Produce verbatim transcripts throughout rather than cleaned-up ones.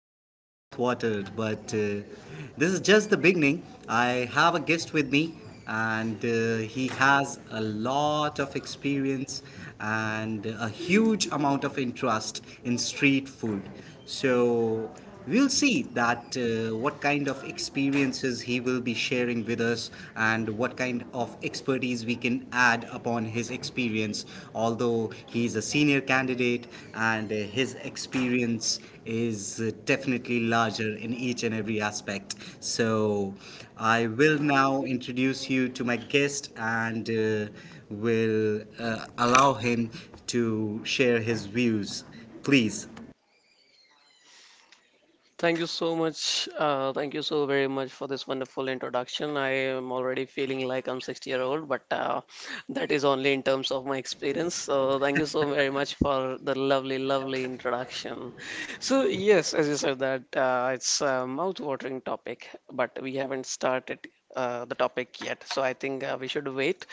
mouth watered, but uh, this is just the beginning. I have a guest with me, and uh, he has a lot of experience and a huge amount of interest in street food. So we'll see that uh, what kind of experiences he will be sharing with us and what kind of expertise we can add upon his experience, although he's a senior candidate and uh, his experience is uh, definitely larger in each and every aspect. So I will now introduce you to my guest, and uh, will uh, allow him to share his views, please. Thank you so much. Uh, thank you so very much for this wonderful introduction. I am already feeling like I'm sixty year old, but uh, that is only in terms of my experience. So thank you so very much for the lovely, lovely introduction. So yes, as you said that uh, it's a mouth-watering topic, but we haven't started Uh, the topic yet, so I think uh, we should wait.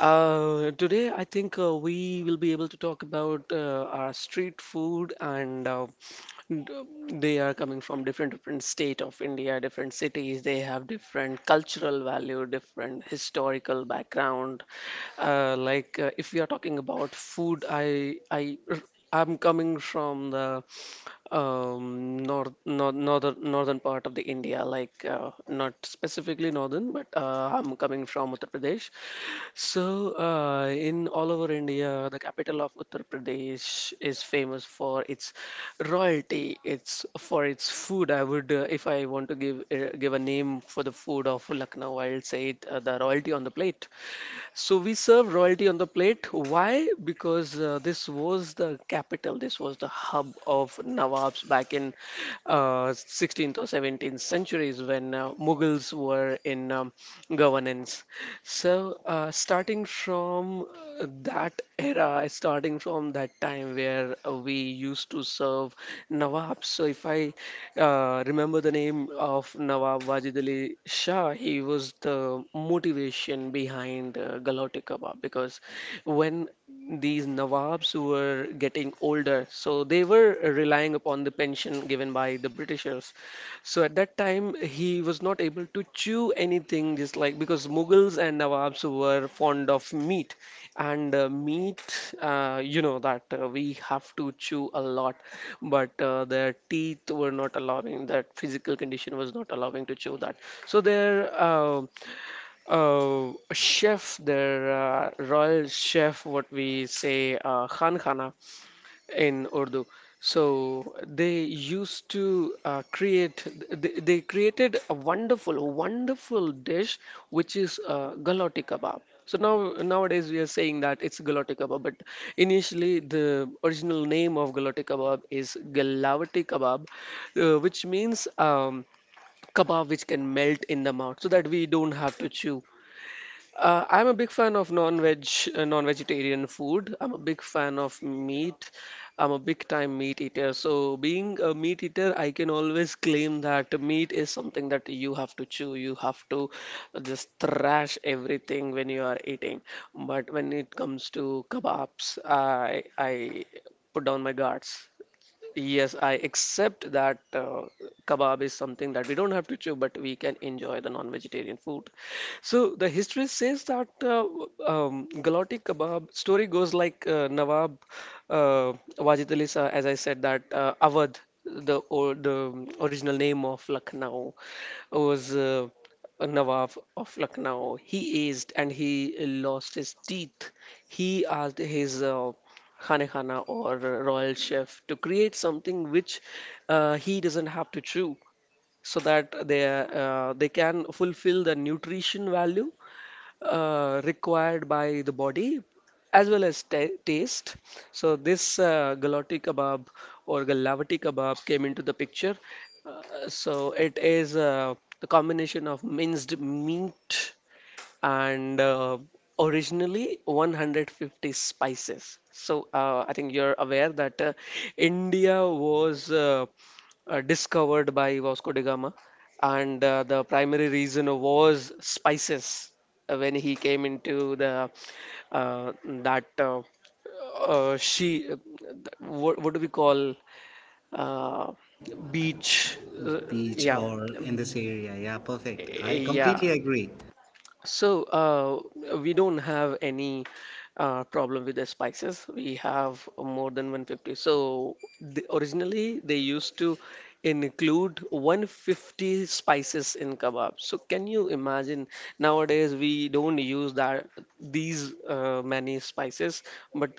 Uh, today, I think uh, we will be able to talk about uh, our street food and uh, d- they are coming from different different state of India, different cities. They have different cultural value, different historical background. Uh, like uh, if we are talking about food, I I I'm coming from the um, north, north northern northern part of the India. Like uh, not specifically northern, but uh, I'm coming from Uttar Pradesh. So uh, in all over India, the capital of Uttar Pradesh is famous for its royalty. It's for its food. I would, uh, if I want to give uh, give a name for the food of Lucknow, I'll say it, uh, the royalty on the plate. So we serve royalty on the plate. Why? Because uh, this was the capital, this was the hub of Nawabs back in uh, sixteenth or seventeenth centuries when uh, Mughals were in um, governance. So uh, starting from uh, that era, starting from that time where uh, we used to serve Nawabs. So if I uh, remember the name of Nawab Wajid Ali Shah. He was the motivation behind uh, Galauti Kebab, because when these Nawabs were getting older, so they were relying upon the pension given by the Britishers. So at that time, he was not able to chew anything just like because Mughals and Nawabs were fond of meat, and uh, meat uh, you know that uh, we have to chew a lot, but uh, their teeth were not allowing, that physical condition was not allowing to chew that. So their uh, uh, chef their uh, royal chef, what we say, uh, khan khana in Urdu. So they used to uh, create, they, they created a wonderful, wonderful dish, which is uh, galoti kebab. So now nowadays we are saying that it's galoti kebab, but initially the original name of galoti kebab is galavati kebab, uh, which means um, kebab which can melt in the mouth, so that we don't have to chew. Uh, I'm a big fan of non-veg, uh, non-vegetarian food. I'm a big fan of meat. I'm a big time meat eater. So, being a meat eater, I can always claim that meat is something that you have to chew. You have to just thrash everything when you are eating. But when it comes to kebabs, I I put down my guards. Yes, I accept that uh, kebab is something that we don't have to chew, but we can enjoy the non-vegetarian food. So the history says that uh, um, Galati kebab story goes like uh, Nawab uh, Wajid Ali Shah, as I said, that uh, Awadh, the or, the original name of Lucknow, was uh, a Nawab of Lucknow. He aged and he lost his teeth. He asked his uh, Khane Khana or Royal Chef to create something which uh, he doesn't have to chew, so that they uh, they can fulfill the nutrition value uh, required by the body, as well as ta taste. So this uh, galati kebab or galavati kebab came into the picture. Uh, so it is uh, the combination of minced meat and uh, originally one hundred fifty spices. So uh, I think you're aware that uh, India was uh, uh, discovered by Vasco da Gama, and uh, the primary reason was spices uh, when he came into the uh, that uh, uh, she uh, th- what, what do we call uh, beach, uh, Beach, yeah, or in this area. Yeah, perfect, I yeah. completely agree. So uh, we don't have any uh, problem with the spices. We have more than one hundred fifty. So the, originally they used to include one hundred fifty spices in kebab. So can you imagine? Nowadays we don't use that these uh, many spices, but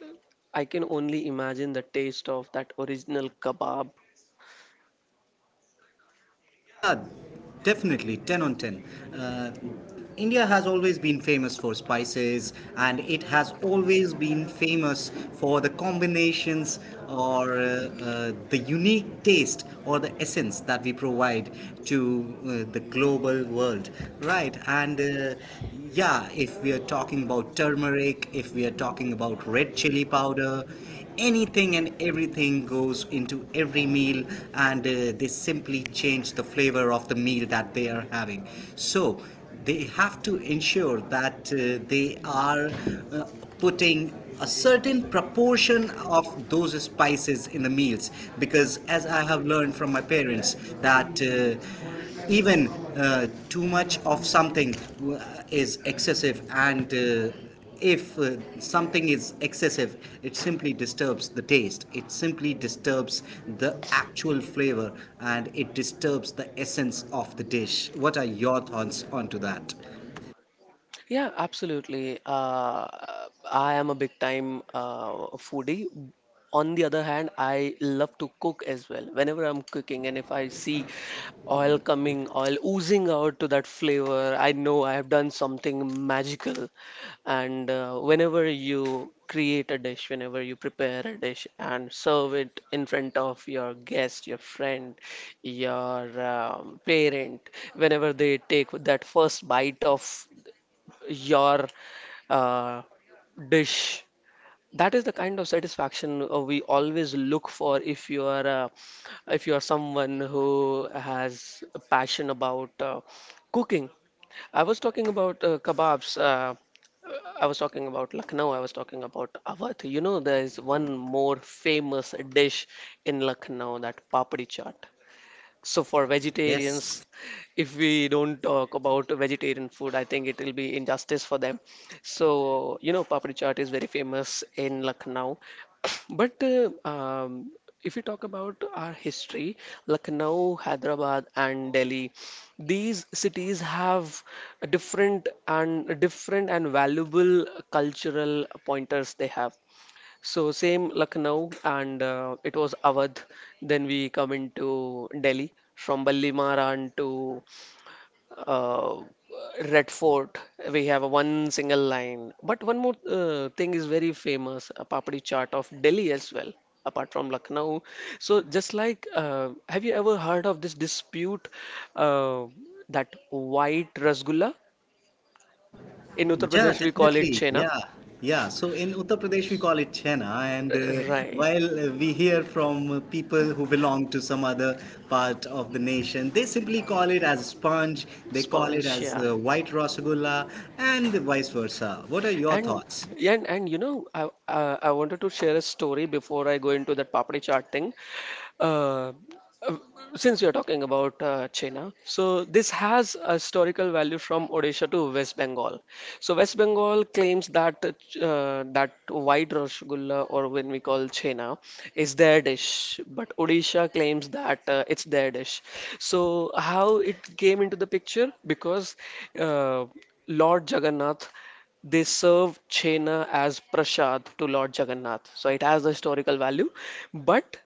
I can only imagine the taste of that original kebab. Yeah. Definitely, ten on ten. Uh, India has always been famous for spices, and it has always been famous for the combinations or uh, uh, the unique taste or the essence that we provide to uh, the global world, right. And uh, yeah, if we are talking about turmeric, if we are talking about red chili powder, anything and everything goes into every meal. And uh, they simply change the flavor of the meal that they are having. So they have to ensure that uh, they are uh, putting a certain proportion of those spices in the meals, because as I have learned from my parents that uh, even uh, too much of something uh, is excessive, and uh, if uh, something is excessive, it simply disturbs the taste, it simply disturbs the actual flavor, and it disturbs the essence of the dish. What are your thoughts onto that? Yeah, absolutely. Uh, I am a big time uh, foodie. On the other hand, I love to cook as well. Whenever I'm cooking and if I see oil coming, oil oozing out to that flavor, I know I have done something magical. And uh, whenever you create a dish, whenever you prepare a dish and serve it in front of your guest, your friend, your um, parent, whenever they take that first bite of your uh, dish. That is the kind of satisfaction uh, we always look for if you are uh, if you are someone who has a passion about uh, cooking. I was talking about uh, kebabs. Uh, I was talking about Lucknow. I was talking about Awadh. You know, there is one more famous dish in Lucknow, that papdi chaat. So for vegetarians, Yes. if we don't talk about vegetarian food, I think it will be injustice for them. So you know, papri chaat is very famous in Lucknow. But uh, um, if you talk about our history, Lucknow, Hyderabad, and Delhi, these cities have different and different and valuable cultural pointers they have. So same Lucknow and uh, it was Awadh. Then we come into Delhi from Balli Maharan to uh, Red Fort. We have a one single line. But one more uh, thing is very famous, a papadi chaat of Delhi as well, apart from Lucknow. So just like, uh, have you ever heard of this dispute uh, that white rasgulla? In Uttar Yeah, Pradesh we call it definitely. chena. Yeah, yeah. So in Uttar Pradesh, we call it Chena, and uh, Right, while uh, we hear from uh, people who belong to some other part of the nation, they simply call it as sponge. They call it sponge, as yeah. uh, white rasgulla, and vice versa. What are your And thoughts? and and you know, I uh, I wanted to share a story before I go into that papdi chaat thing. Uh, uh, since we are talking about uh, China, so this has a historical value from Odisha to West Bengal. So West Bengal claims that uh, ch- uh, that white rasgulla, or when we call Chena, is their dish, but Odisha claims that uh, it's their dish. So how it came into the picture? Because uh, Lord Jagannath, they serve chena as prasad to Lord Jagannath, so it has the historical value. But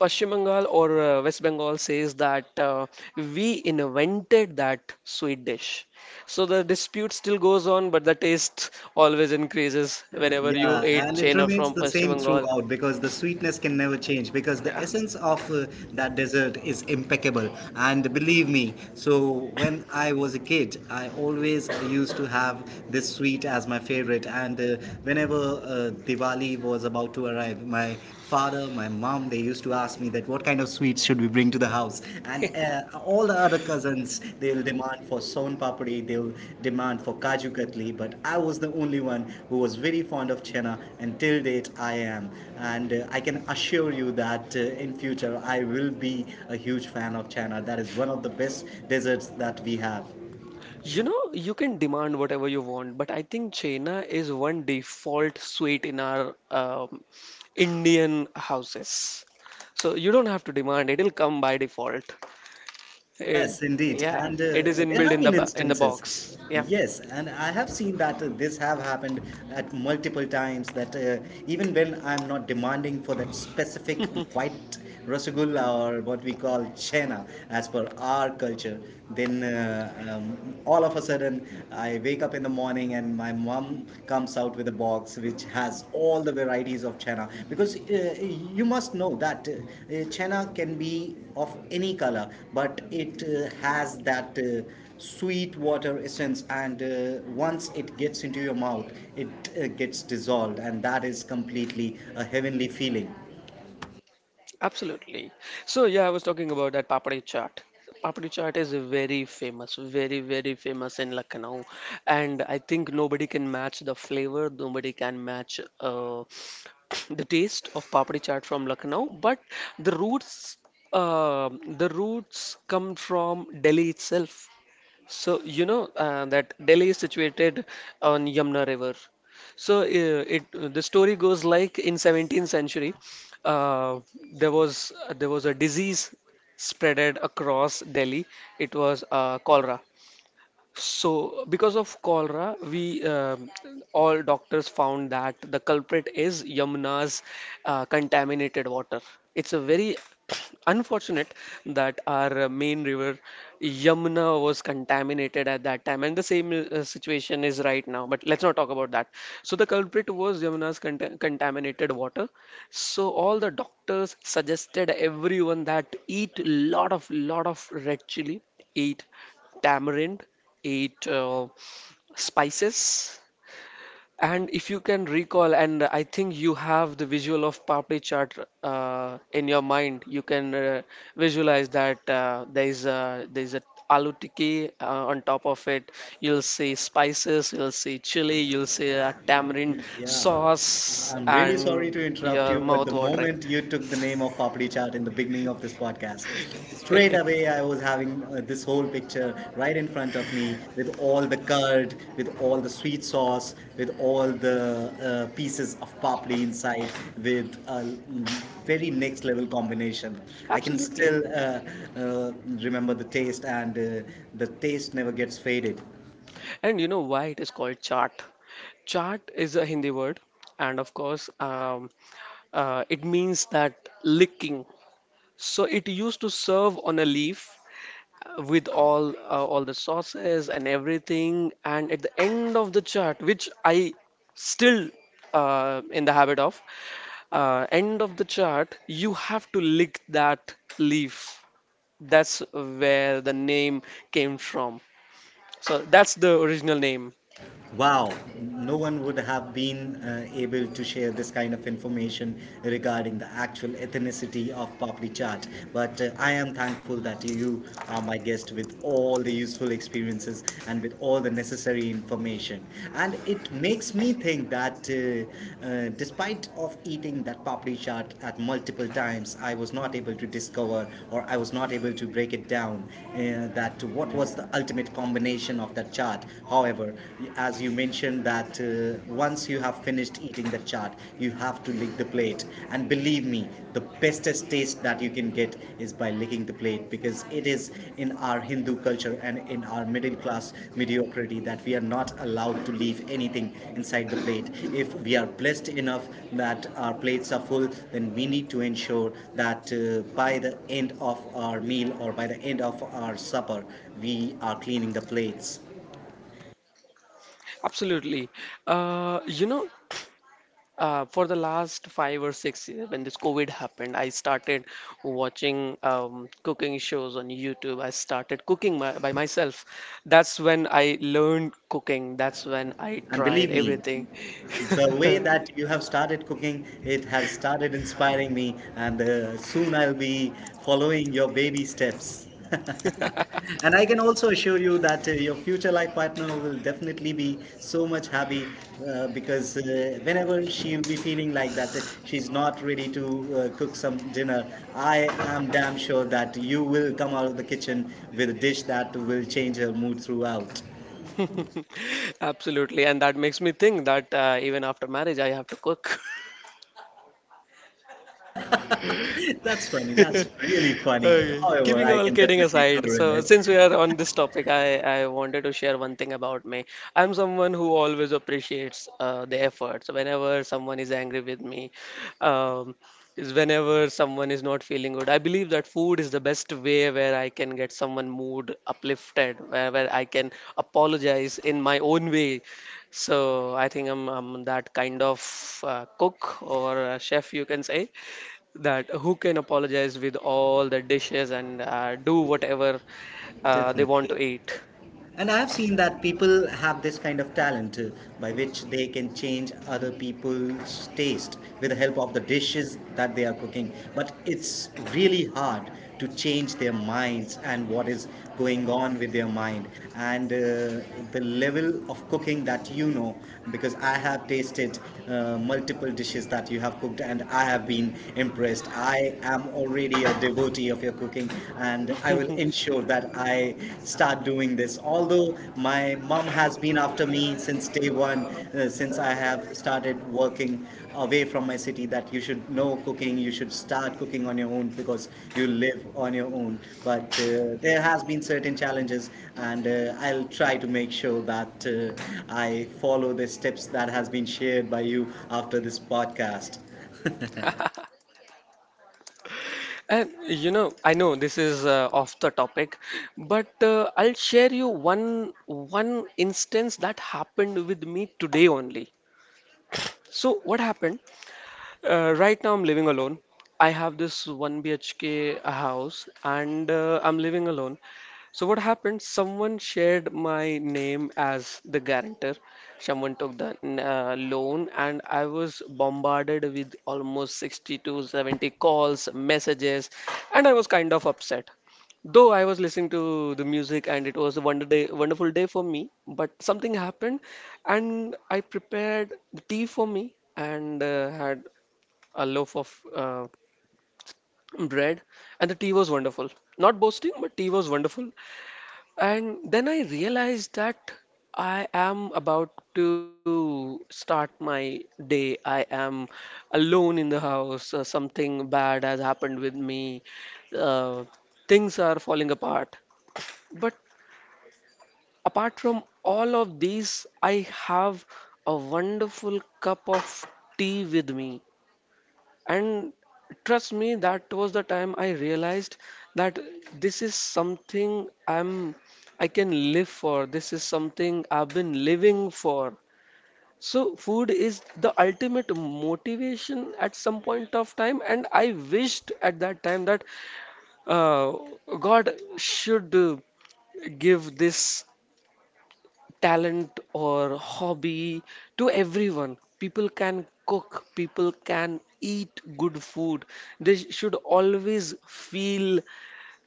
Pashchim Bengal or uh, West Bengal says that uh, we invented that sweet dish. So the dispute still goes on, but the taste always increases whenever you Yeah, ate and it chena remains from the Pashchim same Bengal. throughout, because the sweetness can never change because the Yeah. essence of uh, that dessert is impeccable. And believe me, so when I was a kid, I always used to have this sweet as my favorite. And uh, whenever uh, Diwali was about to arrive, my father, my mom, they used to ask me that that what kind of sweets should we bring to the house. And uh, all the other cousins, they'll demand for son papri, they'll demand for kaju katli, but I was the only one who was very fond of chana. And till date I am, and uh, I can assure you that uh, in future I will be a huge fan of chana. That is one of the best desserts that we have. You know, you can demand whatever you want, but I think chena is one default sweet in our um, Indian houses. So you don't have to demand, it'll come by default. Eh, Yes, indeed. yeah, And uh, it is there inbuilt have in the been bo- in the instances. box. Yeah. Yes, and I have seen that uh, this have happened at multiple times, that uh, even when I'm not demanding for that specific white rasgulla or what we call chena as per our culture, then uh, um, all of a sudden I wake up in the morning, and and my mom comes out with a box which has all the varieties of chana, because uh, you must know that uh, uh, chana can be of any color, but it uh, has that uh, sweet water essence. And uh, once it gets into your mouth, it uh, gets dissolved, and that is completely a heavenly feeling. Absolutely. So yeah, I was talking about that papadi chaat. Papadi chaat is very famous, very, very famous in Lucknow, and I think nobody can match the flavor, nobody can match uh, the taste of papadi chaat from Lucknow. But the roots, uh, the roots come from Delhi itself. So you know uh, that Delhi is situated on Yamuna River. So uh, it the story goes like in seventeenth century, uh, there was there was a disease spreaded across Delhi. It was uh, cholera. So, because of cholera, we um, all doctors found that the culprit is Yamuna's uh, contaminated water. It's a very unfortunate that our uh, main river Yamuna was contaminated at that time, and the same uh, situation is right now. But let's not talk about that. So, the culprit was Yamuna's cont- contaminated water. So, all the doctors suggested everyone that eat lot of lot of red chili, eat tamarind, eight uh, spices. And if you can recall, and I think you have the visual of papri chaat uh, in your mind, you can uh, visualize that uh, there is a there is a aloo tikki uh, on top of it. You'll see spices, you'll see chili, you'll see a tamarind Yeah, sauce, I'm really sorry and to interrupt your you, but mouth the watering. moment you took the name of Papdi Chaat in the beginning of this podcast, straight away I was having uh, this whole picture right in front of me, with all the curd, with all the sweet sauce, with all the uh, pieces of papdi inside, with a very next level combination. I can Absolutely. still uh, uh, remember the taste, and uh, the taste never gets faded. And you know why it is called chaat? Chaat is a Hindi word, and of course, um, Uh, it means that licking. So it used to serve on a leaf uh, with all uh, all the sauces and everything. And at the end of the chart, which I still uh, in the habit of, uh, end of the chart, you have to lick that leaf. That's where the name came from. So that's the original name. Wow, no one would have been uh, able to share this kind of information regarding the actual ethnicity of Papri Chaat. But uh, I am thankful that you are my guest with all the useful experiences and with all the necessary information. And it makes me think that uh, uh, despite of eating that Papri Chaat at multiple times, I was not able to discover or I was not able to break it down, uh, that what was the ultimate combination of that chaat. However, However, as you mentioned that uh, once you have finished eating the chaat, you have to lick the plate. And believe me, the bestest taste that you can get is by licking the plate, because it is in our Hindu culture and in our middle class mediocrity that we are not allowed to leave anything inside the plate. If we are blessed enough that our plates are full, then we need to ensure that uh, by the end of our meal or by the end of our supper, we are cleaning the plates. Absolutely. Uh, you know, Uh, for the last five or six years, when this COVID happened, I started watching um, cooking shows on YouTube. I started cooking my, by myself. That's when I learned cooking. That's when I And tried believe me, everything. the way that you have started cooking, it has started inspiring me, and uh, soon I'll be following your baby steps. And I can also assure you that uh, your future life partner will definitely be so much happy, uh, because uh, whenever she'll be feeling like that uh, she's not ready to uh, cook some dinner, I am damn sure that you will come out of the kitchen with a dish that will change her mood throughout. Absolutely. And that makes me think that uh, even after marriage, I have to cook. That's funny. That's really funny. Okay. However, Keeping I all can kidding definitely aside, so correlate. since we are on this topic, I, I wanted to share one thing about me. I'm someone who always appreciates uh, the efforts. Whenever someone is angry with me, um, is whenever someone is not feeling good, I believe that food is the best way where I can get someone mood uplifted, where, where I can apologize in my own way. So I think I'm, I'm that kind of uh, cook or uh chef, you can say that who can apologize with all the dishes and uh, do whatever uh, they want to Definitely. eat. And I have seen that people have this kind of talent, uh, by which they can change other people's taste with the help of the dishes that they are cooking. But it's really hard to change their minds and what is going on with their mind, and uh, the level of cooking that you know, because I have tasted uh, multiple dishes that you have cooked, and I have been impressed. I am already a devotee of your you're cooking, and I will ensure that I start doing this. Although my mom has been after me since day one, uh, since I have started working away from my city, that you should know cooking, you should start cooking on your own because you live on your own. But uh, there has been certain challenges, and uh, I'll try to make sure that uh, I follow the steps that has been shared by you after this podcast. And you know, I know this is uh, off the topic, but uh, I'll share you one one instance that happened with me today only. So what happened? Uh, right now, I'm living alone. I have this one B H K house and uh, I'm living alone. So, what happened? Someone shared my name as the guarantor. Someone took the uh, loan, and I was bombarded with almost sixty to seventy calls, messages, and I was kind of upset. Though I was listening to the music and it was a wonder day, wonderful day for me, but something happened and I prepared the tea for me and uh, had a loaf of uh, bread, and the tea was wonderful. Not boasting, but tea was wonderful. And then I realized that I am about to start my day. I am alone in the house. Uh, something bad has happened with me. Uh, Things are falling apart. But apart from all of these, I have a wonderful cup of tea with me. And trust me, that was the time I realized that this is something I'm I can live for. This is something I've been living for. So food is the ultimate motivation at some point of time, and I wished at that time that uh, God should uh, give this talent or hobby to everyone. People can cook, people can eat good food. They sh- should always feel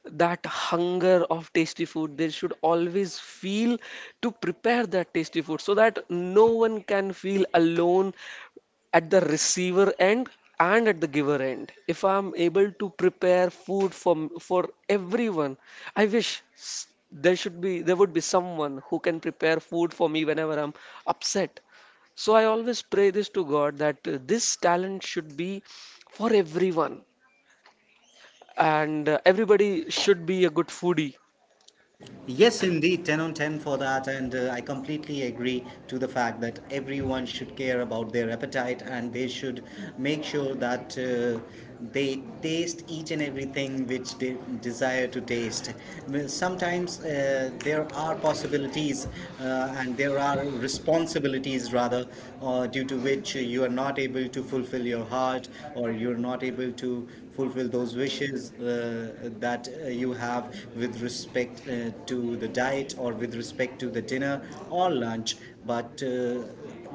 that hunger of tasty food. They should always feel to prepare that tasty food so that no one can feel alone at the receiver end and at the giver end if I'm able to prepare food for m- for everyone I wish s- there should be there would be someone who can prepare food for me whenever I'm upset. So I always pray this to God that uh, this talent should be for everyone and uh, everybody should be a good foodie. Yes, indeed, ten on ten for that, and uh, I completely agree to the fact that everyone should care about their appetite, and they should make sure that uh, they taste each and everything which they desire to taste. Well, sometimes uh, there are possibilities, uh, and there are responsibilities, rather, uh, due to which you are not able to fulfill your heart, or you're not able to fulfill those wishes, uh, that uh, you have with respect uh, to the diet or with respect to the dinner or lunch. But uh,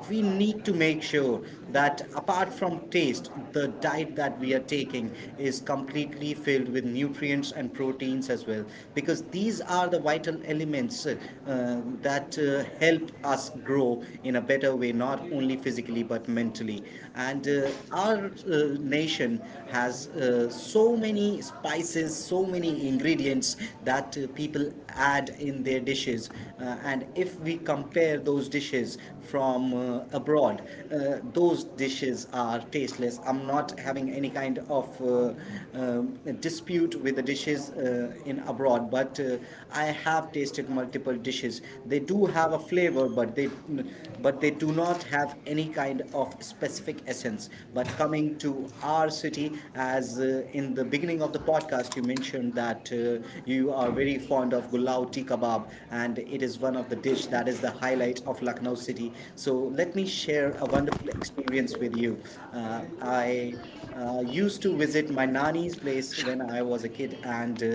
we need to make sure that apart from taste, the diet that we are taking is completely filled with nutrients and proteins as well, because these are the vital elements, uh, uh, that uh, help us grow in a better way, not only physically but mentally. And uh, our uh, nation has uh, uh, so many spices, so many ingredients that uh, people add in their dishes. Uh, and if we compare those dishes from uh, abroad, uh, those dishes are tasteless. I'm not having any kind of uh, um, dispute with the dishes uh, in abroad, but uh, I have tasted multiple dishes. They do have a flavor, but they but they do not have any kind of specific essence. But coming to our city? As uh, in the beginning of the podcast, you mentioned that uh, you are very fond of gulao tikka kebab, and it is one of the dish that is the highlight of Lucknow city. So let me share a wonderful experience with you. Uh, I uh, used to visit my nani's place when I Shantanu. was a kid, and uh,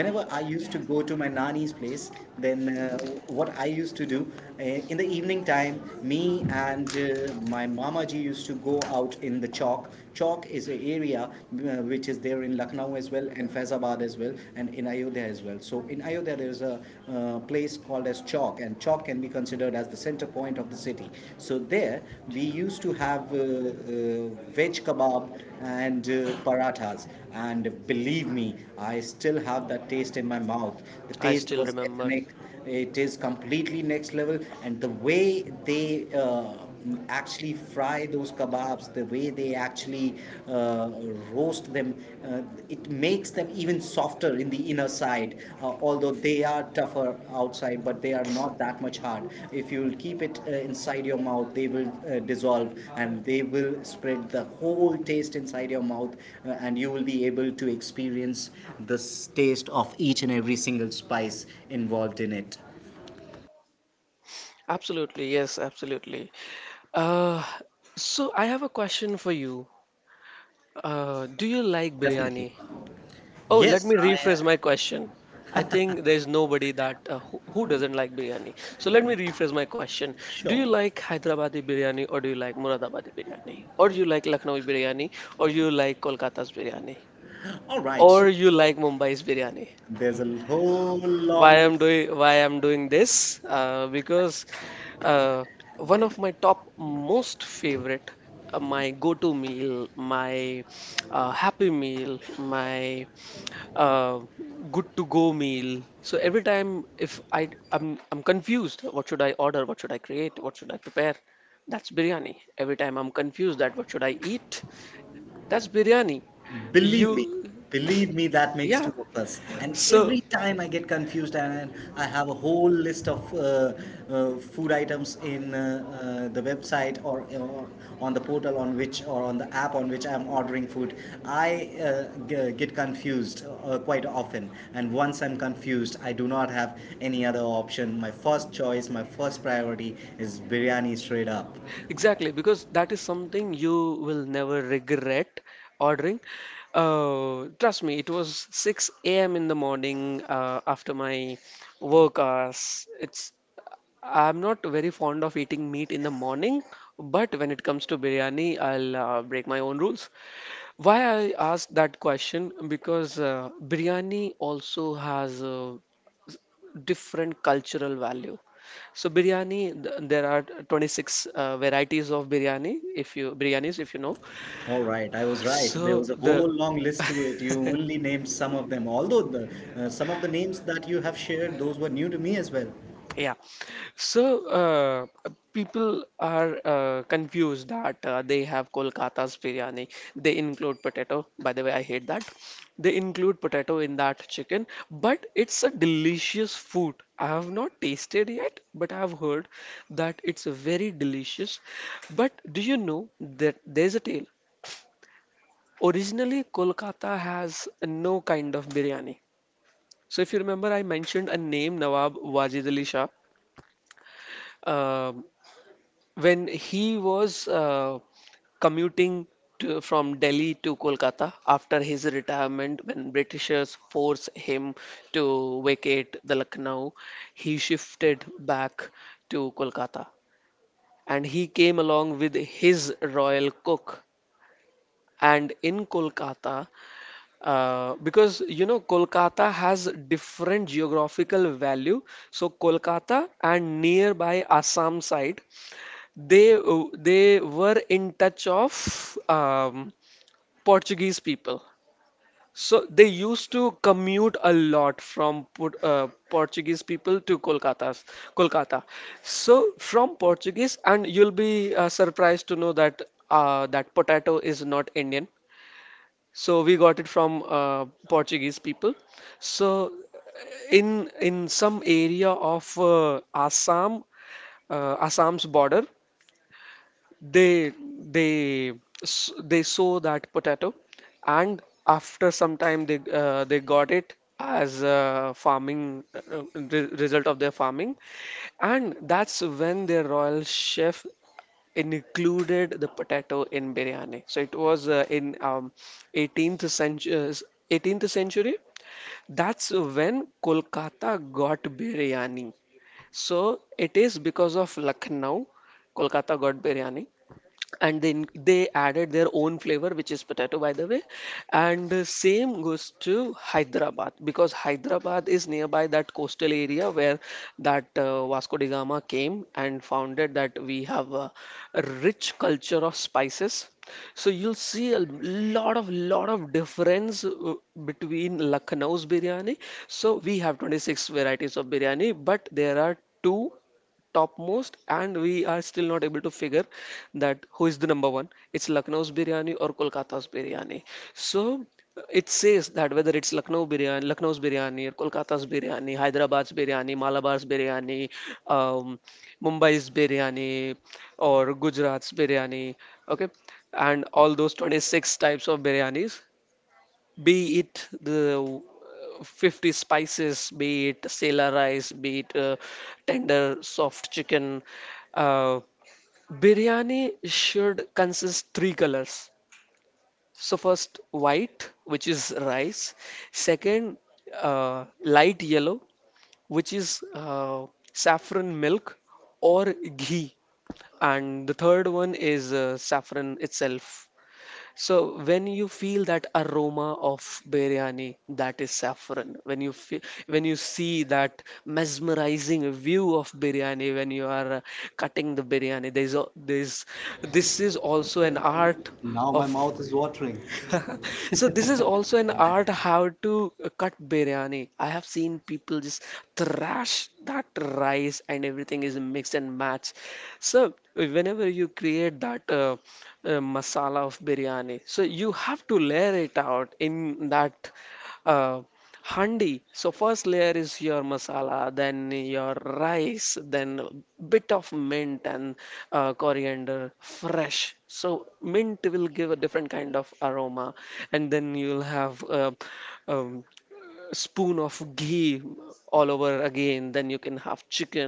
whenever I used to go to my nani's place, then uh, what I used to do uh, in the evening time, me and uh, my mama ji used to go out in the chalk. Chalk is an area, uh, which is there in Lucknow as well, and Faizabad as well, and in Ayodhya as well. So in Ayodhya, there's a uh, place called called as Chowk, and Chowk can be considered as the center point of the city. So there, we used to have uh, uh, veg kebab and uh, parathas, and believe me, I still have that taste in my mouth. The I taste still was remember. ethnic; it is completely next level, and the way they uh, actually fry those kebabs, the way they actually uh, roast them, uh, it makes them even softer in the inner side. Uh, although they are tougher outside, but they are not that much hard. If you will keep it uh, inside your mouth, they will uh, dissolve, and they will spread the whole taste inside your mouth, uh, and you will be able to experience the s- taste of each and every single spice involved in it. Absolutely, yes, absolutely. Uh, so I have a question for you. Uh, do you like Definitely. biryani? Oh, let Yes, me I am. rephrase my question. I think there's nobody that uh, who, who doesn't like biryani. So let me rephrase my question. Do you Sure. like Hyderabadi biryani or do you like Muradabadi biryani? Or do you like Lucknowi biryani or you like Kolkata's biryani? All right. Or you like Mumbai's biryani? There's a whole Why long I'm list. Doing why I'm doing this? Uh, because uh, one of my top most favorite uh, my go-to meal, my uh, happy meal, my uh, good to go meal. So every time if I I'm I'm confused, what should I order? What should I create? What should I prepare? That's biryani. Every time I'm confused that what should I eat? That's biryani. Believe me, You believe me, that makes Yeah. two of us. And So every time I get confused, and I have a whole list of uh, uh, food items in uh, uh, the website, or, or on the portal on which, or on the app on which I'm ordering food, I uh, g- get confused uh, quite often. And once I'm confused, I do not have any other option. My first choice, my first priority is biryani straight up. exactly, because that is something you will never regret ordering. Uh, trust me, it was six a m in the morning uh, after my work hours. It's I'm not very fond of eating meat in the morning, but when it comes to biryani, I'll uh, break my own rules. Why I asked that question? Because uh, biryani also has a different cultural value. So biryani, th- there are twenty-six uh, varieties of biryani, if you biryanis, if you know. All right, I was right. There So was a the whole long list to it. You only named some of them. Although the, uh, some of the names that you have shared, those were new to me as well. Yeah. So uh, people are uh, confused that uh, they have Kolkata's biryani. They include potato. By the way, I hate that. They include potato in that chicken, but it's a delicious food. I have not tasted yet, but I have heard that it's very delicious. But do you know that there's a tale? Originally, Kolkata has no kind of biryani. So if you remember, I mentioned a name, Nawab Wajid Ali Shah. Um when he was uh, commuting to, from Delhi to Kolkata after his retirement, when Britishers forced him to vacate the Lucknow, he shifted back to Kolkata and he came along with his royal cook. And in Kolkata, uh, because you know Kolkata has different geographical value, so Kolkata and nearby Assam side they w- they were in touch of um, Portuguese people. So they used to commute a lot from Port- uh, Portuguese people to Kolkata's Kolkata. So from Portuguese, and you'll be uh, surprised to know that uh, that potato is not Indian. So we got it from uh, Portuguese people. So in in some area of uh, Assam, uh, Assam's border, they they s- they sow that potato and after some time they uh, they got it as a farming uh, re- result of their farming. And that's when their royal chef included the potato in biryani. So it was uh, in um, eighteenth century, eighteenth century that's when Kolkata got biryani. So it is because of Lucknow Kolkata got biryani, and then they added their own flavor, which is potato, by the way. And uh, same goes to Hyderabad, because Hyderabad is nearby that coastal area where that uh, Vasco da Gama came and founded that we have a rich culture of spices. So you'll see a lot of lot of difference uh, between Lucknow's biryani. So we have twenty-six varieties of biryani, but there are two topmost and we are still not able to figure that who is the number one? It's Lucknow's biryani or Kolkata's biryani. So it says that whether it's Lucknow biryani, Lucknow's biryani or Kolkata's biryani, Hyderabad's biryani, Malabar's biryani, um, Mumbai's biryani, or Gujarat's biryani. Okay, and all those twenty-six types of biryanis, be it the fifty spices, be it Sela rice, be it uh, tender soft chicken. Uh, Biryani should consist three colors. So first white, which is rice. Second, uh, light yellow, which is uh, saffron milk or ghee. And the third one is uh, saffron itself. So when you feel that aroma of biryani, that is saffron. When you feel, when you see that mesmerizing view of biryani, when you are uh, cutting the biryani, there's a, there's this is also an art Now my of mouth is watering. So this is also an art how to uh, cut biryani. I have seen people just thrash that rice and everything is mixed and matched. So whenever you create that uh, uh, masala of biryani, so you have to layer it out in that. uh, Handi. So first layer is your masala, then your rice, then bit of mint and uh, coriander fresh. So mint will give a different kind of aroma, and then you'll have a, um, spoon of ghee all over again. Then you can have chicken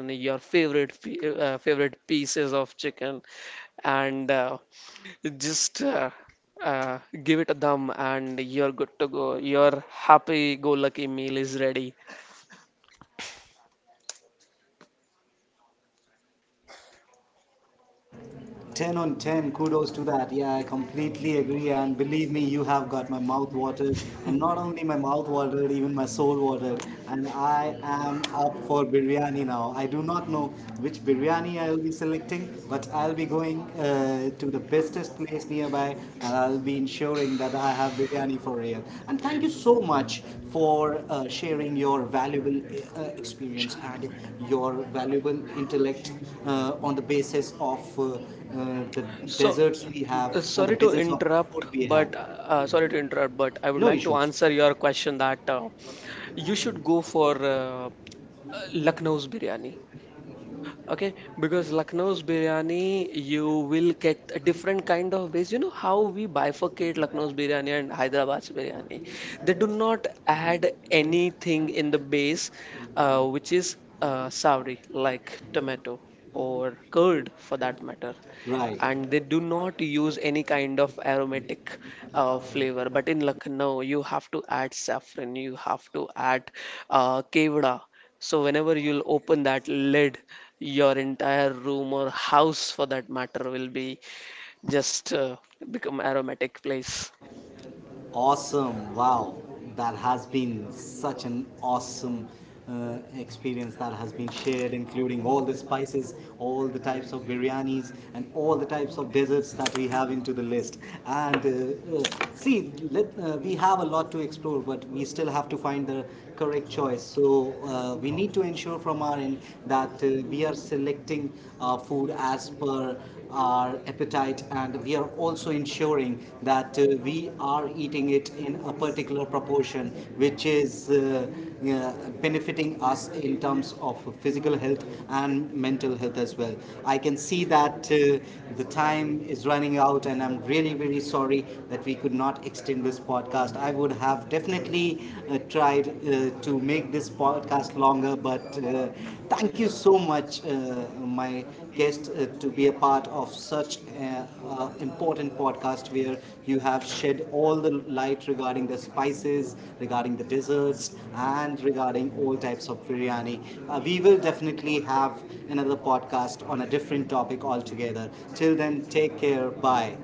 ten on ten kudos to that. Yeah, I completely agree. And believe me, you have got my mouth watered, and not only my mouth watered, even my soul watered, and I am up for biryani now. I do not know which biryani I will be selecting, but I'll be going uh, to the bestest place nearby, and I'll be ensuring that I have biryani for real. And thank you so much for uh, sharing your valuable uh, experience and your valuable intellect, uh, on the basis of uh, uh, the deserts we have, on the basis of the food we have. No issues. Right. Awesome. Wow. That has been such an awesome uh, experience that has been shared, including all the spices, all the types of biryanis, and all the types of desserts that we have into the list. And uh, uh, see, let, uh, we have a lot to explore, but we still have to find the correct choice. So uh, we need to ensure from our end that uh, we are selecting our food food as per our appetite, and we are also ensuring that uh, we are eating it in a particular proportion which is uh, uh, benefiting us in terms of physical health and mental health as well. I can see that uh, the time is running out, and I'm really very sorry that we could not extend this podcast. I would have definitely uh, tried uh, to make this podcast longer, but uh, thank you so much, uh, my guest, uh, to be a part of such an uh, important podcast where you have shed all the light regarding the spices, regarding the desserts, and regarding all types of biryani. Uh, we will definitely have another podcast on a different topic altogether. Till then, take care. Bye.